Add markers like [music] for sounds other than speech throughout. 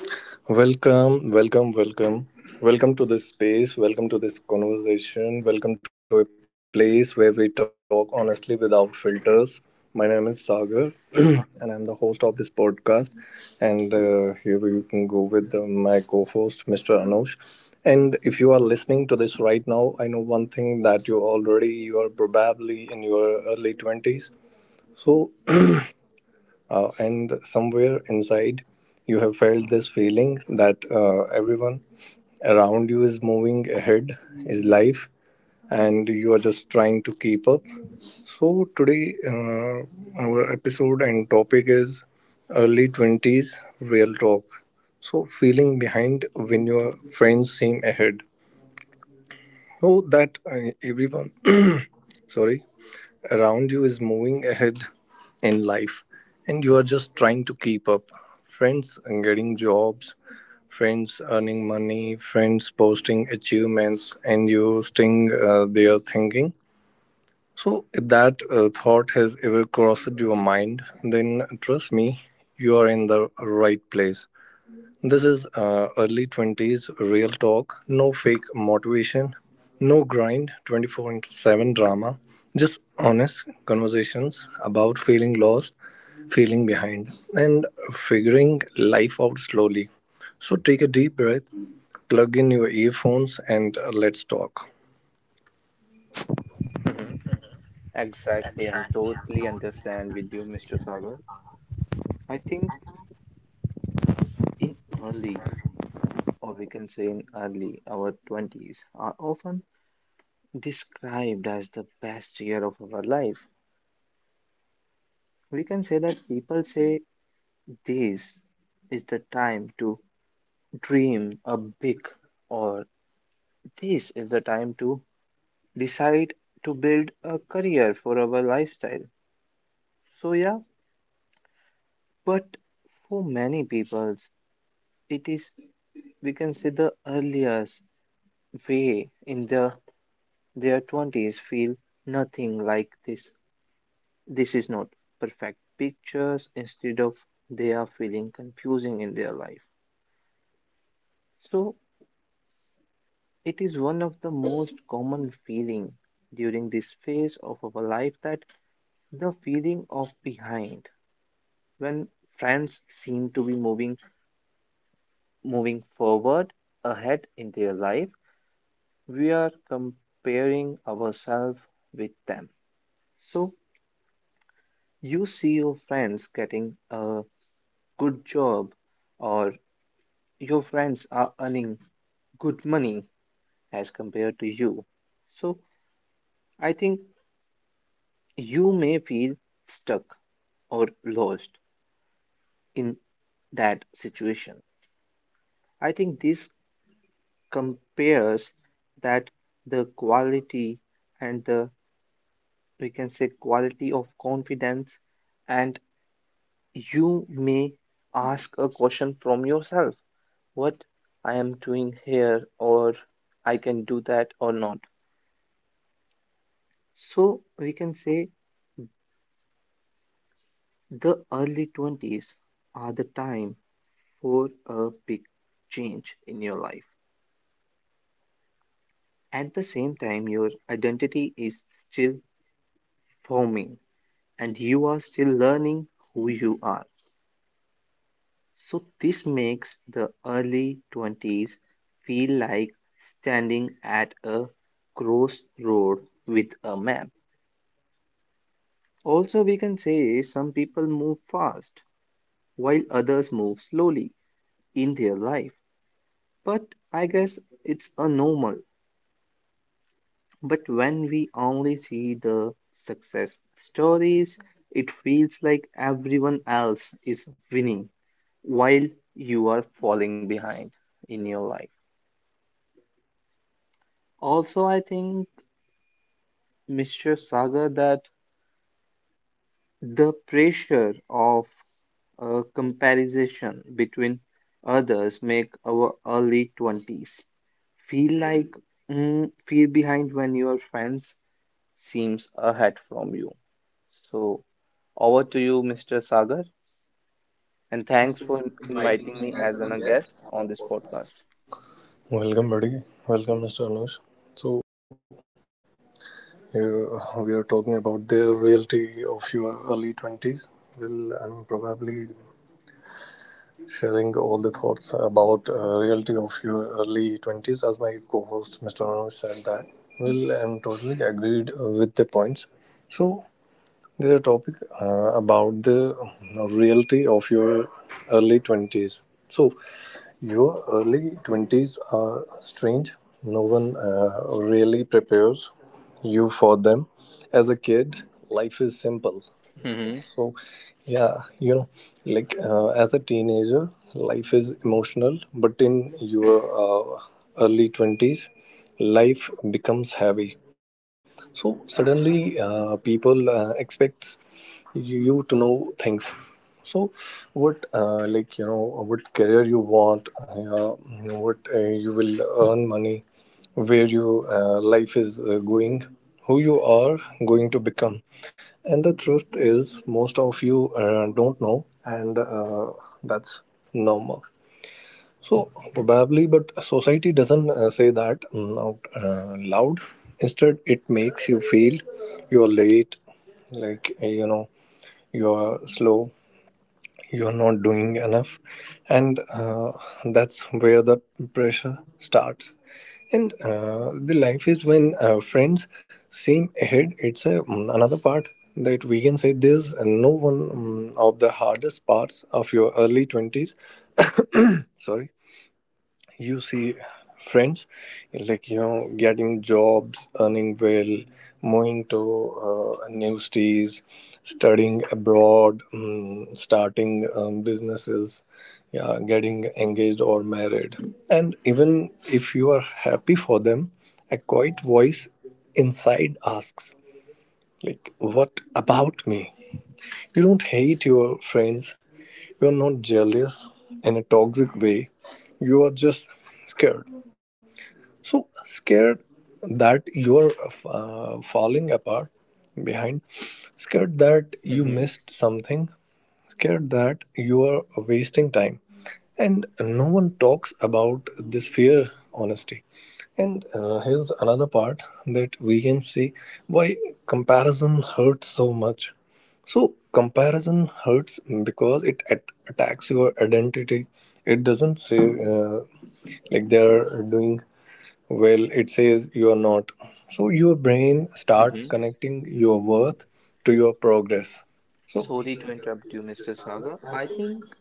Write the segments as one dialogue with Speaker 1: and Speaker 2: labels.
Speaker 1: Um, Welcome, welcome, welcome. Welcome to this space, welcome to this conversation, welcome to a place where we talk honestly without filters. My name is Sagar [clears throat] and I'm the host of this podcast. And here we can go with my co host, Mr. Anush. And if you are listening to this right now, I know one thing that you are probably in your early 20s. So and somewhere inside you have felt this feeling that everyone around you is moving ahead, is life, and you are just trying to keep up. So today our episode and topic is early 20s real talk, so feeling behind when your friends seem ahead. So that everyone [coughs] sorry around you is moving ahead in life and you are just trying to keep up. Friends getting jobs, friends earning money, friends posting achievements, and you staying there thinking. So if that thought has ever crossed your mind, then trust me, you are in the right place. This is early 20s real talk, no fake motivation, no grind, 24 into 7 drama, just honest conversations about feeling lost, feeling behind, and figuring life out slowly. So take a deep breath, plug in your earphones, and let's talk.
Speaker 2: hmm Exactly. I'm totally understand with you, Mr. Sagar. I think in early, or we can say in early, our 20s are often described as the best year of our life. We can say that people say this is the time to dream a big, or this is the time to decide to build a career for our lifestyle. So, yeah, but for many people, it is we can say the earliest way in their 20s feel nothing like this. This is not perfect pictures, instead of they are feeling confusing in their life. So it is one of the most common feeling during this phase of our life that the feeling of behind when friends seem to be moving forward ahead in their life, we are comparing ourselves with them. So you see your friends getting a good job, or your friends are earning good money as compared to you. So I think you may feel stuck or lost in that situation. I think this compares that the quality and the, we can say, quality of confidence, and you may ask a question from yourself: what I am doing here, or I can do that or not. So we can say the early 20s are the time for a big change in your life. At the same time, your identity is still forming and you are still learning who you are. So this makes the early 20s feel like standing at a crossroad with a map. Also, we can say some people move fast while others move slowly in their life. But I guess it's a normal. But when we only see the success stories, it feels like everyone else is winning while you are falling behind in your life. Also, I think Mr. Saga that the pressure of a comparison between others make our early 20s feel like feel behind when your friends seems ahead from you. So over to you, Mr. Sagar, and thanks for inviting me as a guest on this podcast.
Speaker 1: Welcome, buddy. Welcome, Mr. Anush. So, here we are talking about the reality of your early 20s. Well, I'm probably sharing all the thoughts about reality of your early 20s. As my co-host mr Anand said that, well, I'm totally agreed with the points. So there's a topic about the reality of your early 20s. So your early 20s are strange. No one really prepares you for them. As a kid, life is simple.
Speaker 2: Mm-hmm.
Speaker 1: So, yeah, you know, like as a teenager, life is emotional, but in your early 20s, life becomes heavy. So, suddenly, people expect you to know things. So, what, like, you know, what career you want, what you will earn money, where your life is going, who you are going to become. And the truth is, most of you don't know, and that's normal. So, probably, but society doesn't say that out loud. Instead, it makes you feel you're late, like you know, you're slow, you are not doing enough, and that's where the pressure starts. And the life is when friends seem ahead. It's a, another part that we can say there's no one of the hardest parts of your early 20s. Sorry. You see friends, like you know, getting jobs, earning well, moving to new cities, studying abroad, starting businesses, yeah, getting engaged or married. And even if you are happy for them, a quiet voice inside asks, like, what about me? You don't hate your friends, you're not jealous in a toxic way, you are just scared. So scared that you're falling apart, behind. Scared that you
Speaker 2: Mm-hmm.
Speaker 1: missed something, scared that you are wasting time, and no one talks about this fear honesty. And here's another part that we can see why comparison hurts so much. So comparison hurts because it attacks your identity. It doesn't say, like, they are doing well, it says you are not. So your brain starts
Speaker 2: Mm-hmm.
Speaker 1: connecting your worth to your progress. So
Speaker 2: Sorry to interrupt you, Mr. Sagar. I think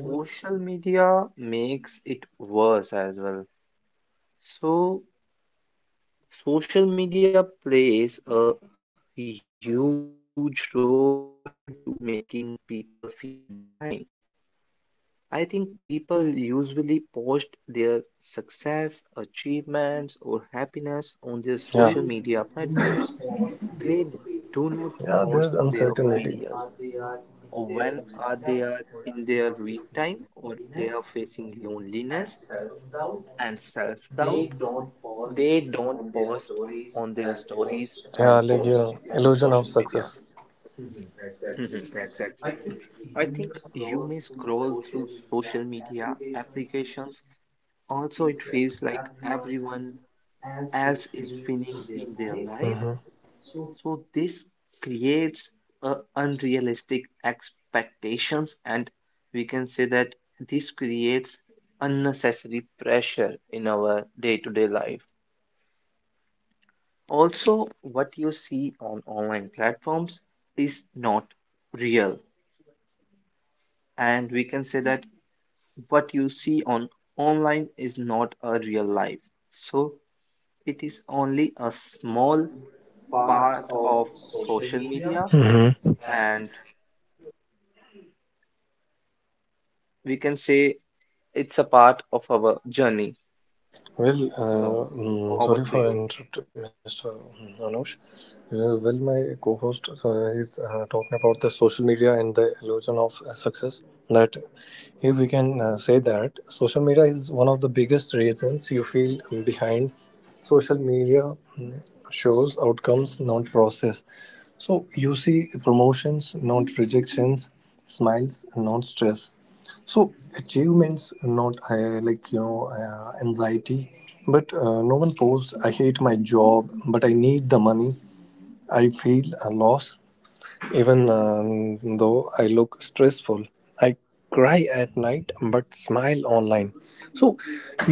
Speaker 2: social media makes it worse as well. So social media plays a huge role to making people feel behind. I think people usually post their success, achievements, or happiness on their
Speaker 1: yeah,
Speaker 2: social media platforms. They do not
Speaker 1: yeah, there is
Speaker 2: post their
Speaker 1: uncertainty.
Speaker 2: failures, or when are they are in their weak time, or they are facing loneliness and self-doubt, they don't post on their stories
Speaker 1: Yeah,
Speaker 2: and
Speaker 1: like you know,
Speaker 2: post on
Speaker 1: illusion of
Speaker 2: social
Speaker 1: success.
Speaker 2: media. Mhm, exactly. I think you may scroll through social media applications. Also, it feels like everyone else is winning in their life.
Speaker 1: Mm-hmm.
Speaker 2: So this creates unrealistic expectations, and we can say that this creates unnecessary pressure in our day-to-day life. Also, what you see on online platforms is not real. And we can say that what you see on online is not a real life. So it is only a small part of social media,
Speaker 1: Hmm.
Speaker 2: and we can say it's a part of our journey.
Speaker 1: Well,
Speaker 2: So over
Speaker 1: sorry
Speaker 2: to
Speaker 1: for
Speaker 2: you.
Speaker 1: interrupting, Mr. Anush. Well, my co-host is talking about the social media and the illusion of success. That here we can say that social media is one of the biggest reasons you feel behind. Social media shows outcomes, not process. So you see promotions, not rejections, smiles, not stress. So achievements, not like you know anxiety, but no one posts. I hate my job, but I need the money. I feel a loss, even though I look stressful, I cry at night but smile online. So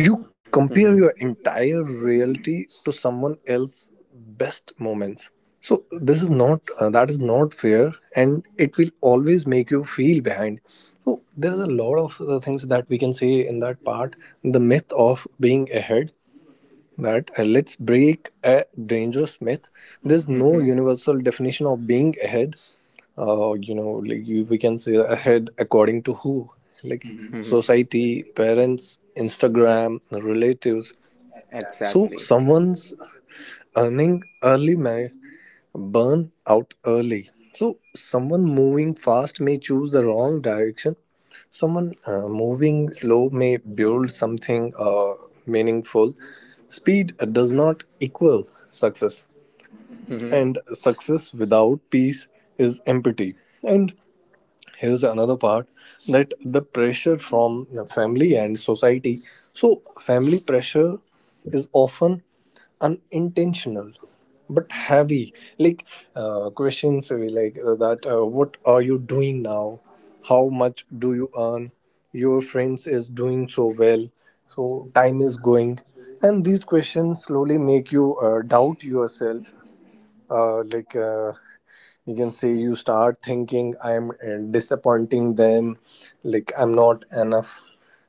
Speaker 1: you
Speaker 2: Mm-hmm.
Speaker 1: compare your entire reality to someone else's best moments. So this is not that is not fair, and it will always make you feel behind. So there's a lot of the things that we can say in that part. The myth of being ahead, that let's break a dangerous myth. There's
Speaker 2: Mm-hmm.
Speaker 1: no universal definition of being ahead. You know, like you, we can say ahead according to who? Like, Mhm,
Speaker 2: Mm-hmm.
Speaker 1: society, parents, Instagram, relatives. So
Speaker 2: Exactly.
Speaker 1: someone's earning early may burn out early. So someone moving fast may choose the wrong direction. Someone moving slow may build something meaningful. Speed does not equal success,
Speaker 2: Mm-hmm.
Speaker 1: and success without peace is empty. And here's another part, that the pressure from the family and society. So family pressure is often unintentional but heavy. Like, questions will be like, that what are you doing now, how much do you earn, your friends is doing so well, so time is going. And these questions slowly make you doubt yourself. Like you can say you start thinking, I'm disappointing them, like I'm not enough,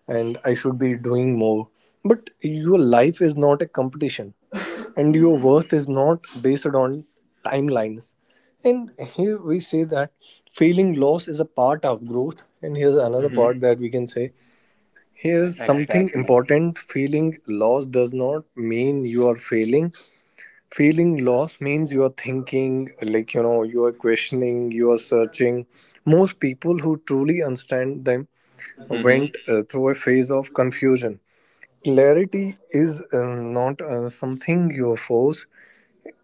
Speaker 1: and I should be doing more. But your life is not a competition, and your worth is not based on timelines. And here we say that feeling loss is a part of growth. And here's another
Speaker 2: Mm-hmm.
Speaker 1: part that we can say, here's something
Speaker 2: Exactly.
Speaker 1: important: feeling loss does not mean you are failing. Feeling lost means you are thinking, like you know, you are questioning, you are searching. Most people who truly understand them
Speaker 2: Mm-hmm.
Speaker 1: went through a phase of confusion. Clarity is not something you force,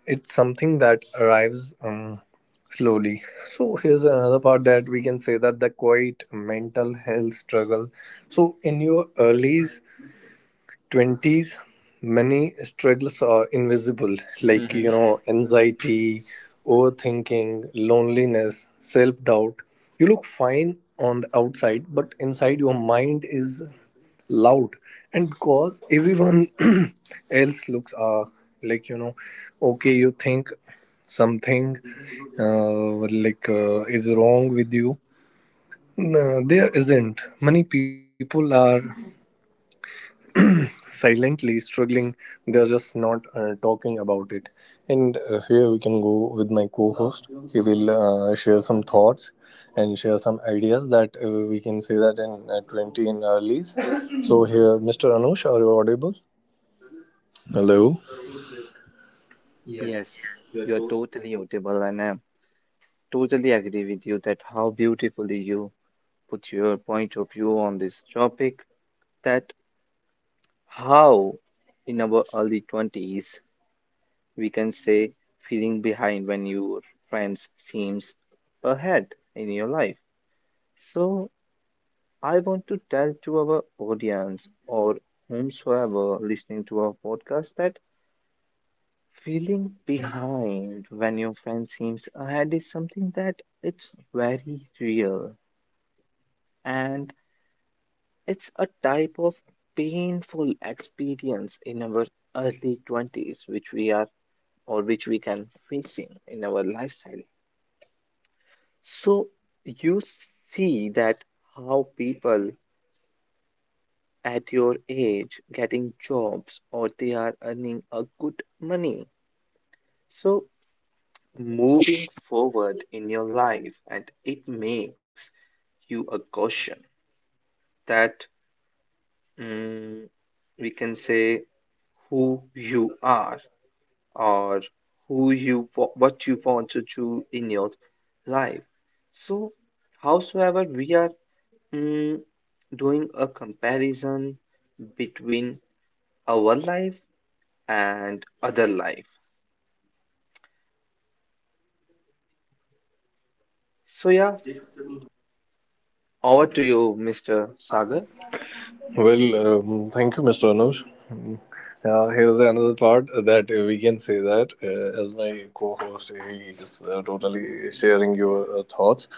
Speaker 1: it's something that arrives slowly. So here's another part that we can say, that the quiet mental health struggle. So in your early 20s many struggles are invisible, like you
Speaker 2: Mm-hmm.
Speaker 1: know, anxiety, overthinking, loneliness, self-doubt. You look fine on the outside but inside your mind is loud. And because everyone [clears throat] else looks like you know okay, you think something like is wrong with you. No, there isn't. Many people are silently struggling, they're just not talking about it. And here we can go with my co-host, he will share some thoughts and share some ideas that we can say that in 20 in earlies. So here mr anush, are you audible? Hello?
Speaker 2: Yes, you're totally audible, and I totally agree with you that how beautifully you put your point of view on this topic. That how in our early 20s we can say feeling behind when your friends seems ahead in your life. So I want to tell to our audience or whomsoever listening to our podcast that feeling behind when your friend seems ahead is something that it's very real, and it's a type of painful experience in our early 20s which we are or which we can facing in our lifestyle. So you see that how people at your age getting jobs or they are earning a good money. So moving forward in your life and it makes you a caution that, mm, we can say, who you are or what you want to do in your life. So howsoever we are mm, doing a comparison between our life and other life. So yeah, over to you, Mr. Sagar.
Speaker 1: Well, thank you, Mr. Anuj. Mm, here's another part that we can say that as my co-host, he is totally sharing your thoughts.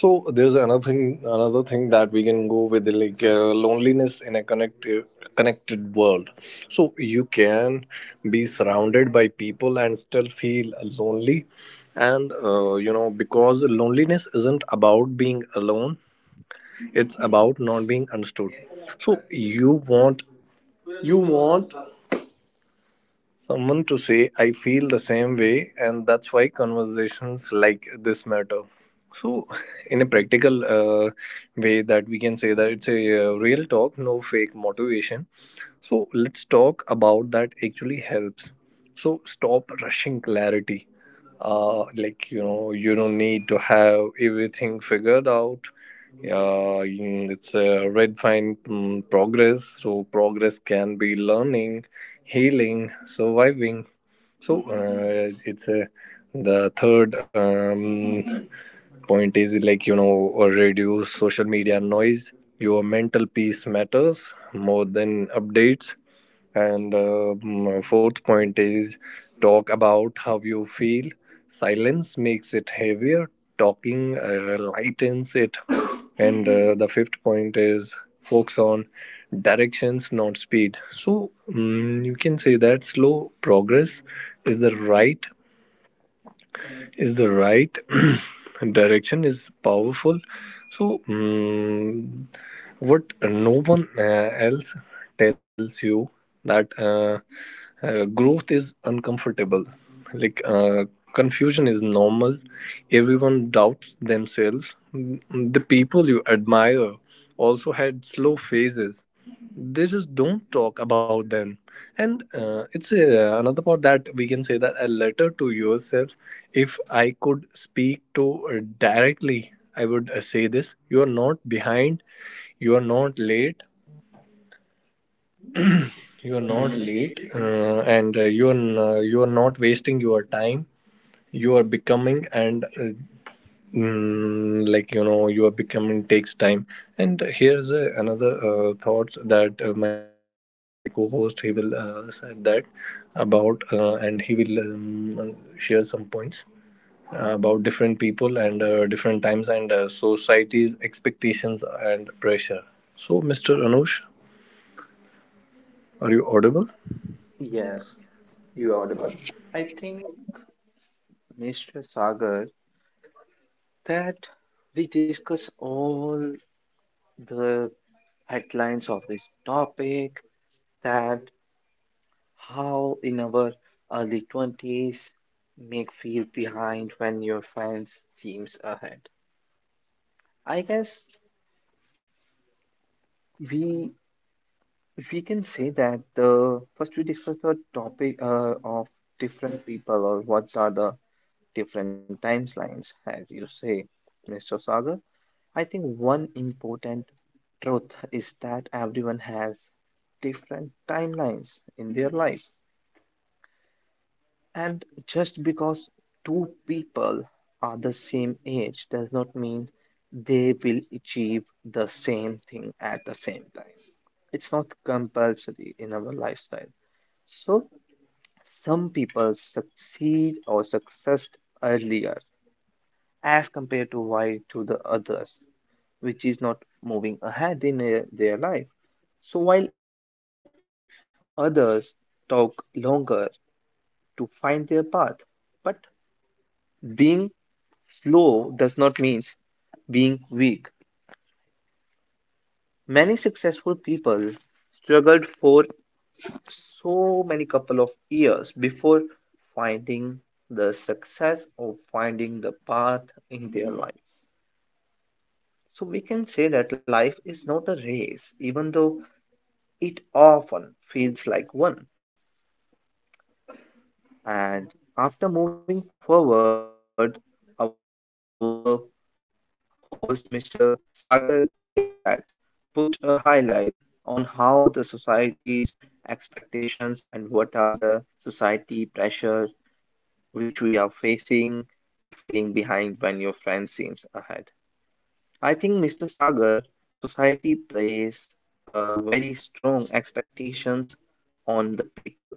Speaker 1: So there's another thing that we can go with, like loneliness in a connected world. So you can be surrounded by people and still feel lonely, and you know, because loneliness isn't about being alone, it's about not being understood. So you want someone to say I feel the same way, and that's why conversations like this matter. So in a practical way that we can say that it's a real talk, no fake motivation. So let's talk about that actually helps. So stop rushing clarity, like you know, you don't need to have everything figured out. Yeah, it's a red fine progress. So progress can be learning, healing, surviving. So it's a, the third. Point is, like you know, or reduce social media noise. Your mental peace matters more than updates. And fourth point is talk about how you feel. Silence makes it heavier. Talking lightens it. And the fifth point is focus on directions, not speed. So you can say that slow progress is the right is the right [clears throat] direction is powerful. So, what no one else tells you that growth is uncomfortable. Like, confusion is normal. Everyone doubts themselves. The people you admire also had slow phases, they just don't talk about them. And it's another part that we can say that a letter to yourself. If I could speak to directly, I would say this: you are not behind, you are not late, you are not Mhm. late and you are you are not wasting your time. You are becoming, and you are becoming takes time. And here's another thoughts that my co-host he will said that about and he will share some points about different people and different times and society's expectations and pressure. So, Mr. Anush, are you audible?
Speaker 2: Yes, you are audible. I think, Mr. Sagar, that we discuss all the headlines of this topic, that how in our early 20s make feel behind when your friends seems ahead. I guess we we can say that the first we discuss the topic of different people or what are the different timelines as you say, Mr. Sagar. I think one important truth is that everyone has different timelines in their life. And just because two people are the same age does not mean they will achieve the same thing at the same time. It's not compulsory in our lifestyle. So, some people succeed or success earlier as compared to why to the others, which is not moving ahead in their life. So while others talk longer to find their path, but being slow does not mean being weak. Many successful people struggled for so many couple of years before finding the success or finding the path in their life. So we can say that life is not a race, even though it often feels like one. And after moving forward, our host, Mr. Sagar, said that put a highlight on how the society's expectations and what are the society pressure which we are facing to feeling behind when your friend seems ahead. I think, Mr. Sagar, society plays very strong expectations on the people.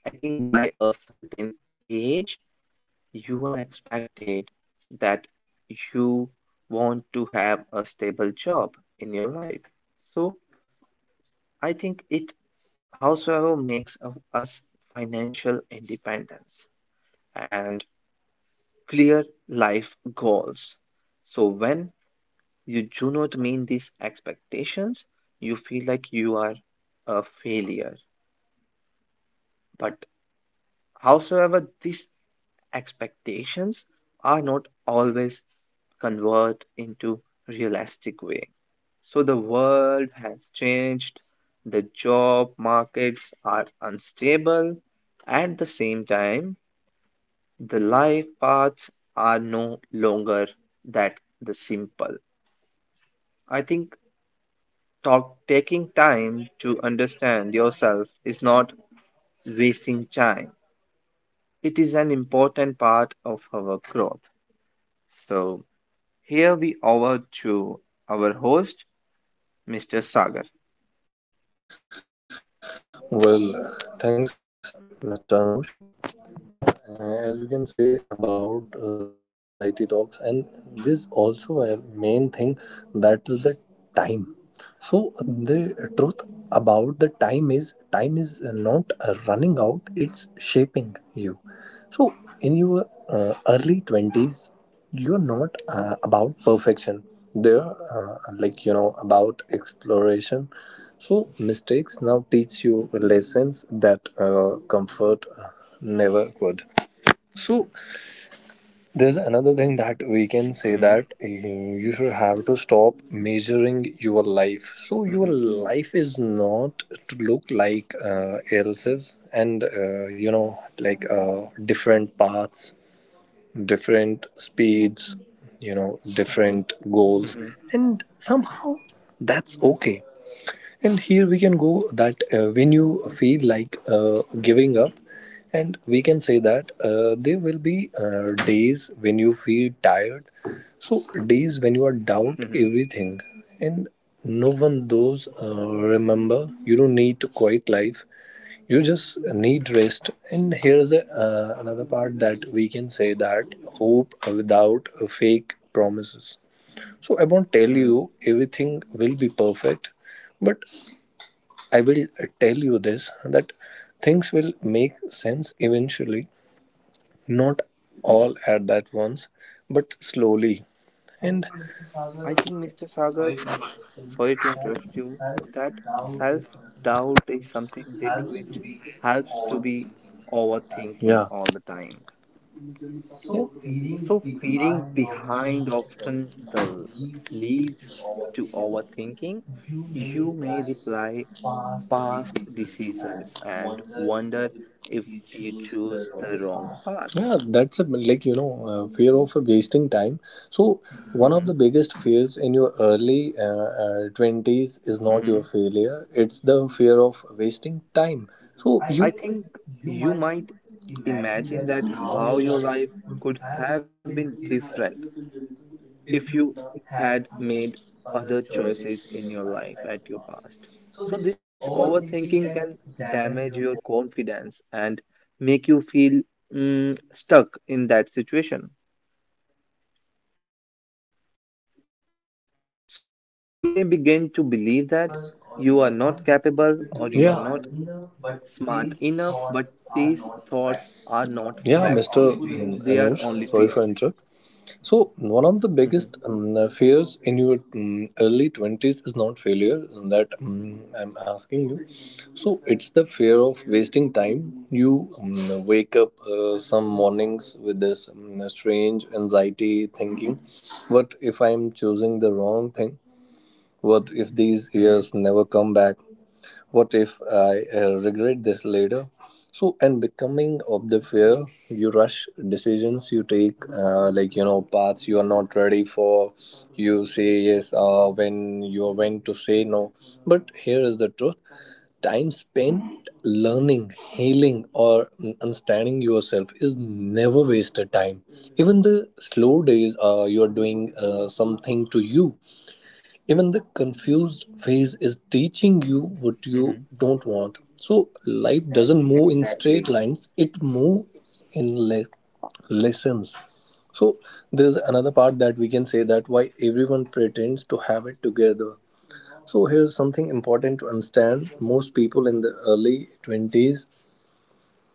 Speaker 2: I think by a certain age you are expected that you want to have a stable job in your life. So I think it howsoever makes of us financial independence and clear life goals. So when you do not meet these expectations, you feel like you are a failure. But howsoever, these expectations are not always convert into realistic way. So the world has changed, the job markets are unstable, at the same time, the life paths are no longer that the simple. I think taking time to understand yourself is not wasting time. It is an important part of our growth. So here we over to our host, Mr. Sagar.
Speaker 1: Well, thanks, Mr. Anush. As we can say about this society talks, and this also a main thing, that is the time. So the truth about the time is not running out, it's shaping you. So, in your early 20s, you're not about perfection. They're about exploration. So, mistakes now teach you lessons that comfort never could. So, there's another thing that
Speaker 2: Mhm,
Speaker 1: we can say that you should have to stop measuring your
Speaker 2: mhm,
Speaker 1: life. So your life is not to look like else's, and different paths, different speeds, different
Speaker 2: mhm,
Speaker 1: goals, and somehow that's okay. And here we can go that when you feel like giving up, and we can say that there will be days when you feel tired, so days when you are
Speaker 2: mhm,
Speaker 1: doubt everything, and no one those remember you don't need to quit life, you just need rest. And here's a, another part that we can say that hope without fake promises. So I won't tell
Speaker 2: mhm.
Speaker 1: you everything will be perfect, but I will tell you this, that things will make sense eventually, not all at that once, but slowly. And
Speaker 2: I think, Mr. Sagar, sorry to interrupt you, that self doubt is something that which helps to be overthinking
Speaker 1: yeah.
Speaker 2: all the time. So, feeling behind often the leads to overthinking. You may reply past decisions and wonder if you chose the wrong
Speaker 1: Yeah,
Speaker 2: path.
Speaker 1: that's a fear of wasting time. So one of the
Speaker 2: Mm-hmm.
Speaker 1: biggest fears in your early twenties is not your
Speaker 2: Mm-hmm.
Speaker 1: failure; it's the fear of wasting time. So I You
Speaker 2: I think
Speaker 1: think you
Speaker 2: you
Speaker 1: might
Speaker 2: might
Speaker 1: imagine
Speaker 2: imagine
Speaker 1: that
Speaker 2: that
Speaker 1: how
Speaker 2: how
Speaker 1: your
Speaker 2: your
Speaker 1: life
Speaker 2: life
Speaker 1: could
Speaker 2: could
Speaker 1: have
Speaker 2: have
Speaker 1: been
Speaker 2: been different
Speaker 1: different.
Speaker 2: if you had made other choices in your life at your past. So, this overthinking can damage your confidence and make you feel stuck in that situation. So you may begin to believe that you are not
Speaker 1: [clears throat]
Speaker 2: capable or you are not smart enough, but these thoughts are not facts.
Speaker 1: Yeah. They, Mr.
Speaker 2: They are only
Speaker 1: Anush,
Speaker 2: fears.
Speaker 1: sorry for interrupt. So, one
Speaker 2: Mm-hmm.
Speaker 1: of the biggest fears in your early 20s is not failure, that I'm asking you. So, it's the fear of wasting time. You wake up some mornings with this strange anxiety thinking, what if I'm choosing the wrong thing? What if
Speaker 2: Mm-hmm.
Speaker 1: these years never come back? What if I regret this later? So, and becoming of the fear, you rush decisions you take, paths you are not ready for. You say yes when you are when to say no. But here is the truth: time spent learning, healing, or understanding yourself is never wasted time. Even the slow days, you are doing something to you. Even the confused phase is teaching you
Speaker 2: Mm-hmm.
Speaker 1: what you don't want. So life doesn't move
Speaker 2: Exactly.
Speaker 1: in straight lines, it moves in lessons. So there's another part that we can say that why everyone pretends to have it together. So here's something important to understand: most people in the early 20s,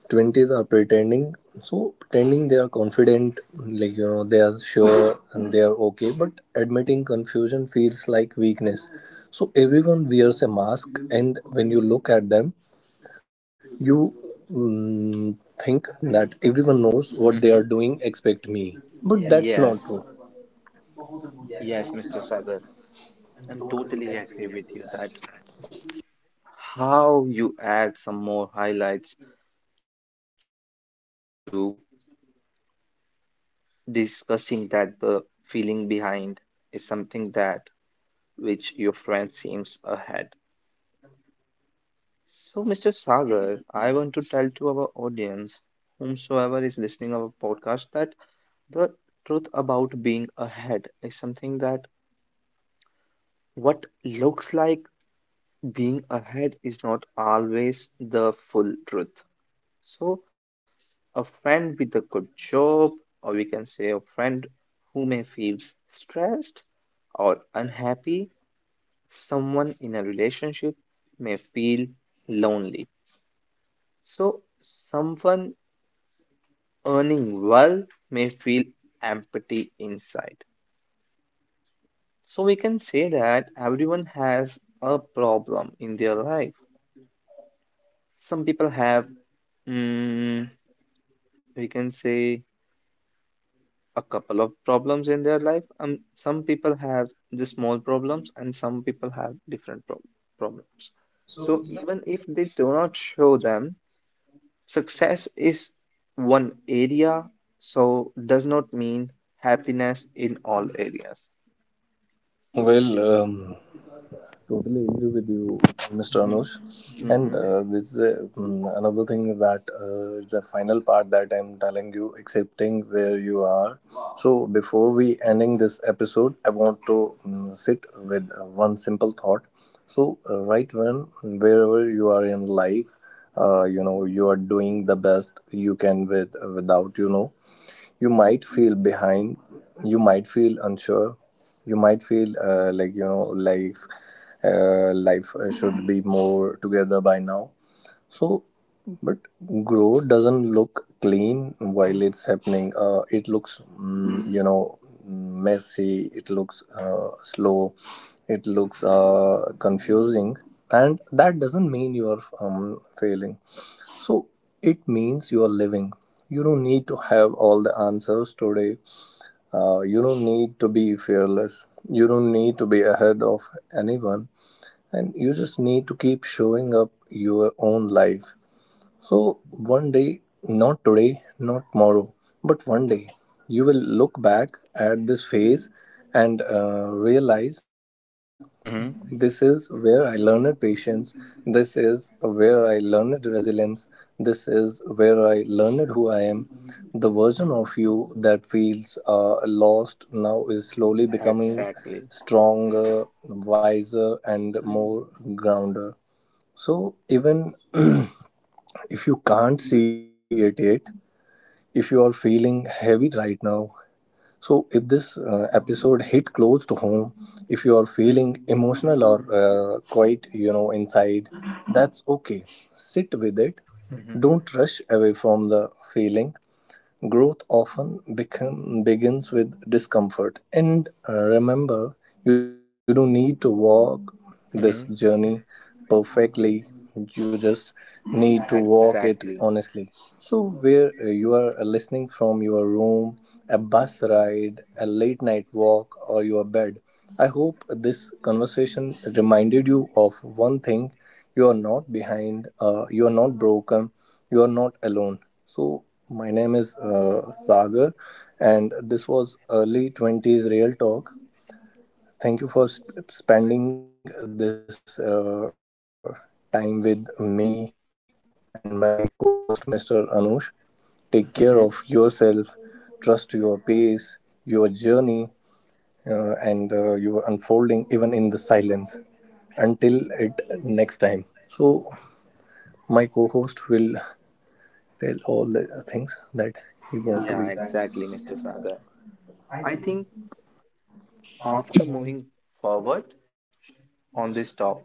Speaker 1: 20s are pretending. So pretending they are confident, they are sure and they are okay, but admitting confusion feels like weakness. So everyone wears a mask, and when you look at them, you mm, think that everyone knows what they
Speaker 2: Mm-hmm.
Speaker 1: are doing expect me. But that's
Speaker 2: Yes,
Speaker 1: not true.
Speaker 2: yes, Mr. Sagar, I'm totally agree with you that how you add some more highlights to discussing that the feeling behind is something that which your friend seems ahead. So, Mr. Sagar, I want to tell to our audience, whomsoever is listening our podcast, that the truth about being ahead is something that what looks like being ahead is not always the full truth. So, a friend with a good job, or we can say a friend who may feel stressed or unhappy, someone in a relationship may feel lonely. So someone earning well may feel empty inside. So we can say that everyone has a problem in their life. Some people have, mm, we can say, a couple of problems in their life. Some people have the small problems, and some people have problems. So even if they do not show them, success is one area, so does not mean happiness in all areas.
Speaker 1: Well, totally agree with you, Mr. Anush. And
Speaker 2: Mm-hmm.
Speaker 1: this is a, another thing that it's a final part that I'm telling you, accepting where you are. So before we ending this episode, I want to sit with one simple thought. So right when wherever you are in life, you are doing the best you can with without you might feel behind, you might feel unsure, you might feel life should be more together by now. So, but growth doesn't look clean while it's happening. It looks, messy. It looks slow. It looks confusing, and that doesn't mean you are failing. So it means you are living. You don't need to have all the answers today. You don't need to be fearless. You don't need to be ahead of anyone, and you just need to keep showing up your own life. So, one day, not today, not tomorrow, but one day, you will look back at this phase and realize this
Speaker 2: Mm-hmm.
Speaker 1: is where I learned patience, this is where I learned resilience, this is where I learned who I am. The version of you that feels lost now is slowly becoming
Speaker 2: Exactly.
Speaker 1: stronger, wiser, and more grounded. So even [clears throat] if you can't see it yet, if you are feeling heavy right now, so if this episode hit close to home, if you are feeling emotional or quite, inside, that's okay. Sit with it. Don't
Speaker 2: Mm-hmm.
Speaker 1: rush away from the feeling. Growth often begins with discomfort, and remember, you don't need to walk this journey
Speaker 2: Mm-hmm.
Speaker 1: perfectly. You just need to walk it
Speaker 2: Exactly.
Speaker 1: honestly. So, where you are listening from your room, a bus ride, a late night walk, or your bed, I hope this conversation reminded you of one thing: you are not behind, you are not broken, you are not alone. So my name is Sagar, and this was Early 20s Real Talk. Thank you for spending this time with me and my co-host, Mr. Anush. Take care of
Speaker 2: Mm-hmm.
Speaker 1: yourself, trust your pace, your journey, and your unfolding even in the silence until it next time. So my co-host will tell all the things that he want to be.
Speaker 2: Yeah, exactly, Mr. Sagar. I think after moving forward on this topic,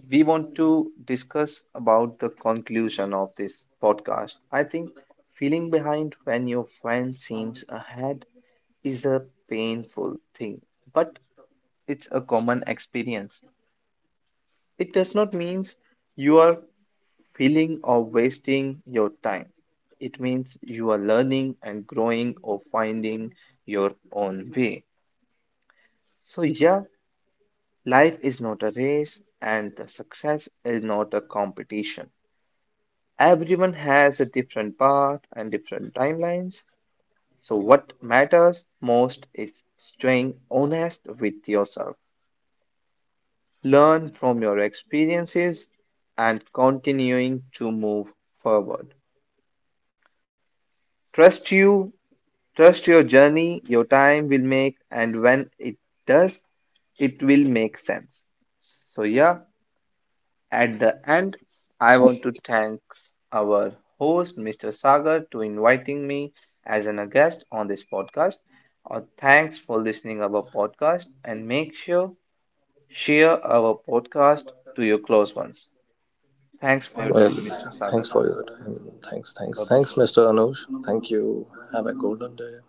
Speaker 2: we want to discuss about the conclusion of this podcast. I think feeling behind when your friend seems ahead is a painful thing, but it's a common experience. It does not mean you are feeling or wasting your time. It means you are learning and growing or finding your own way. So, yeah, life is not a race and the success is not a competition. Everyone has a different path and different timelines, so what matters most is staying honest with yourself. Learn from your experiences and continuing to move forward. Trust you, trust your journey, your time will make, and when it does, it will make sense. So, yeah, at the end, I want to thank our host, Mr. Sagar, to inviting me as a guest on this podcast. Thanks for listening our podcast and make sure share our podcast to your close ones. Thanks for your
Speaker 1: Well,
Speaker 2: time, Mr. Sagar.
Speaker 1: thanks for your time.
Speaker 2: Bye bye.
Speaker 1: Thanks, Mr. Anush. Thank you. Have a golden day.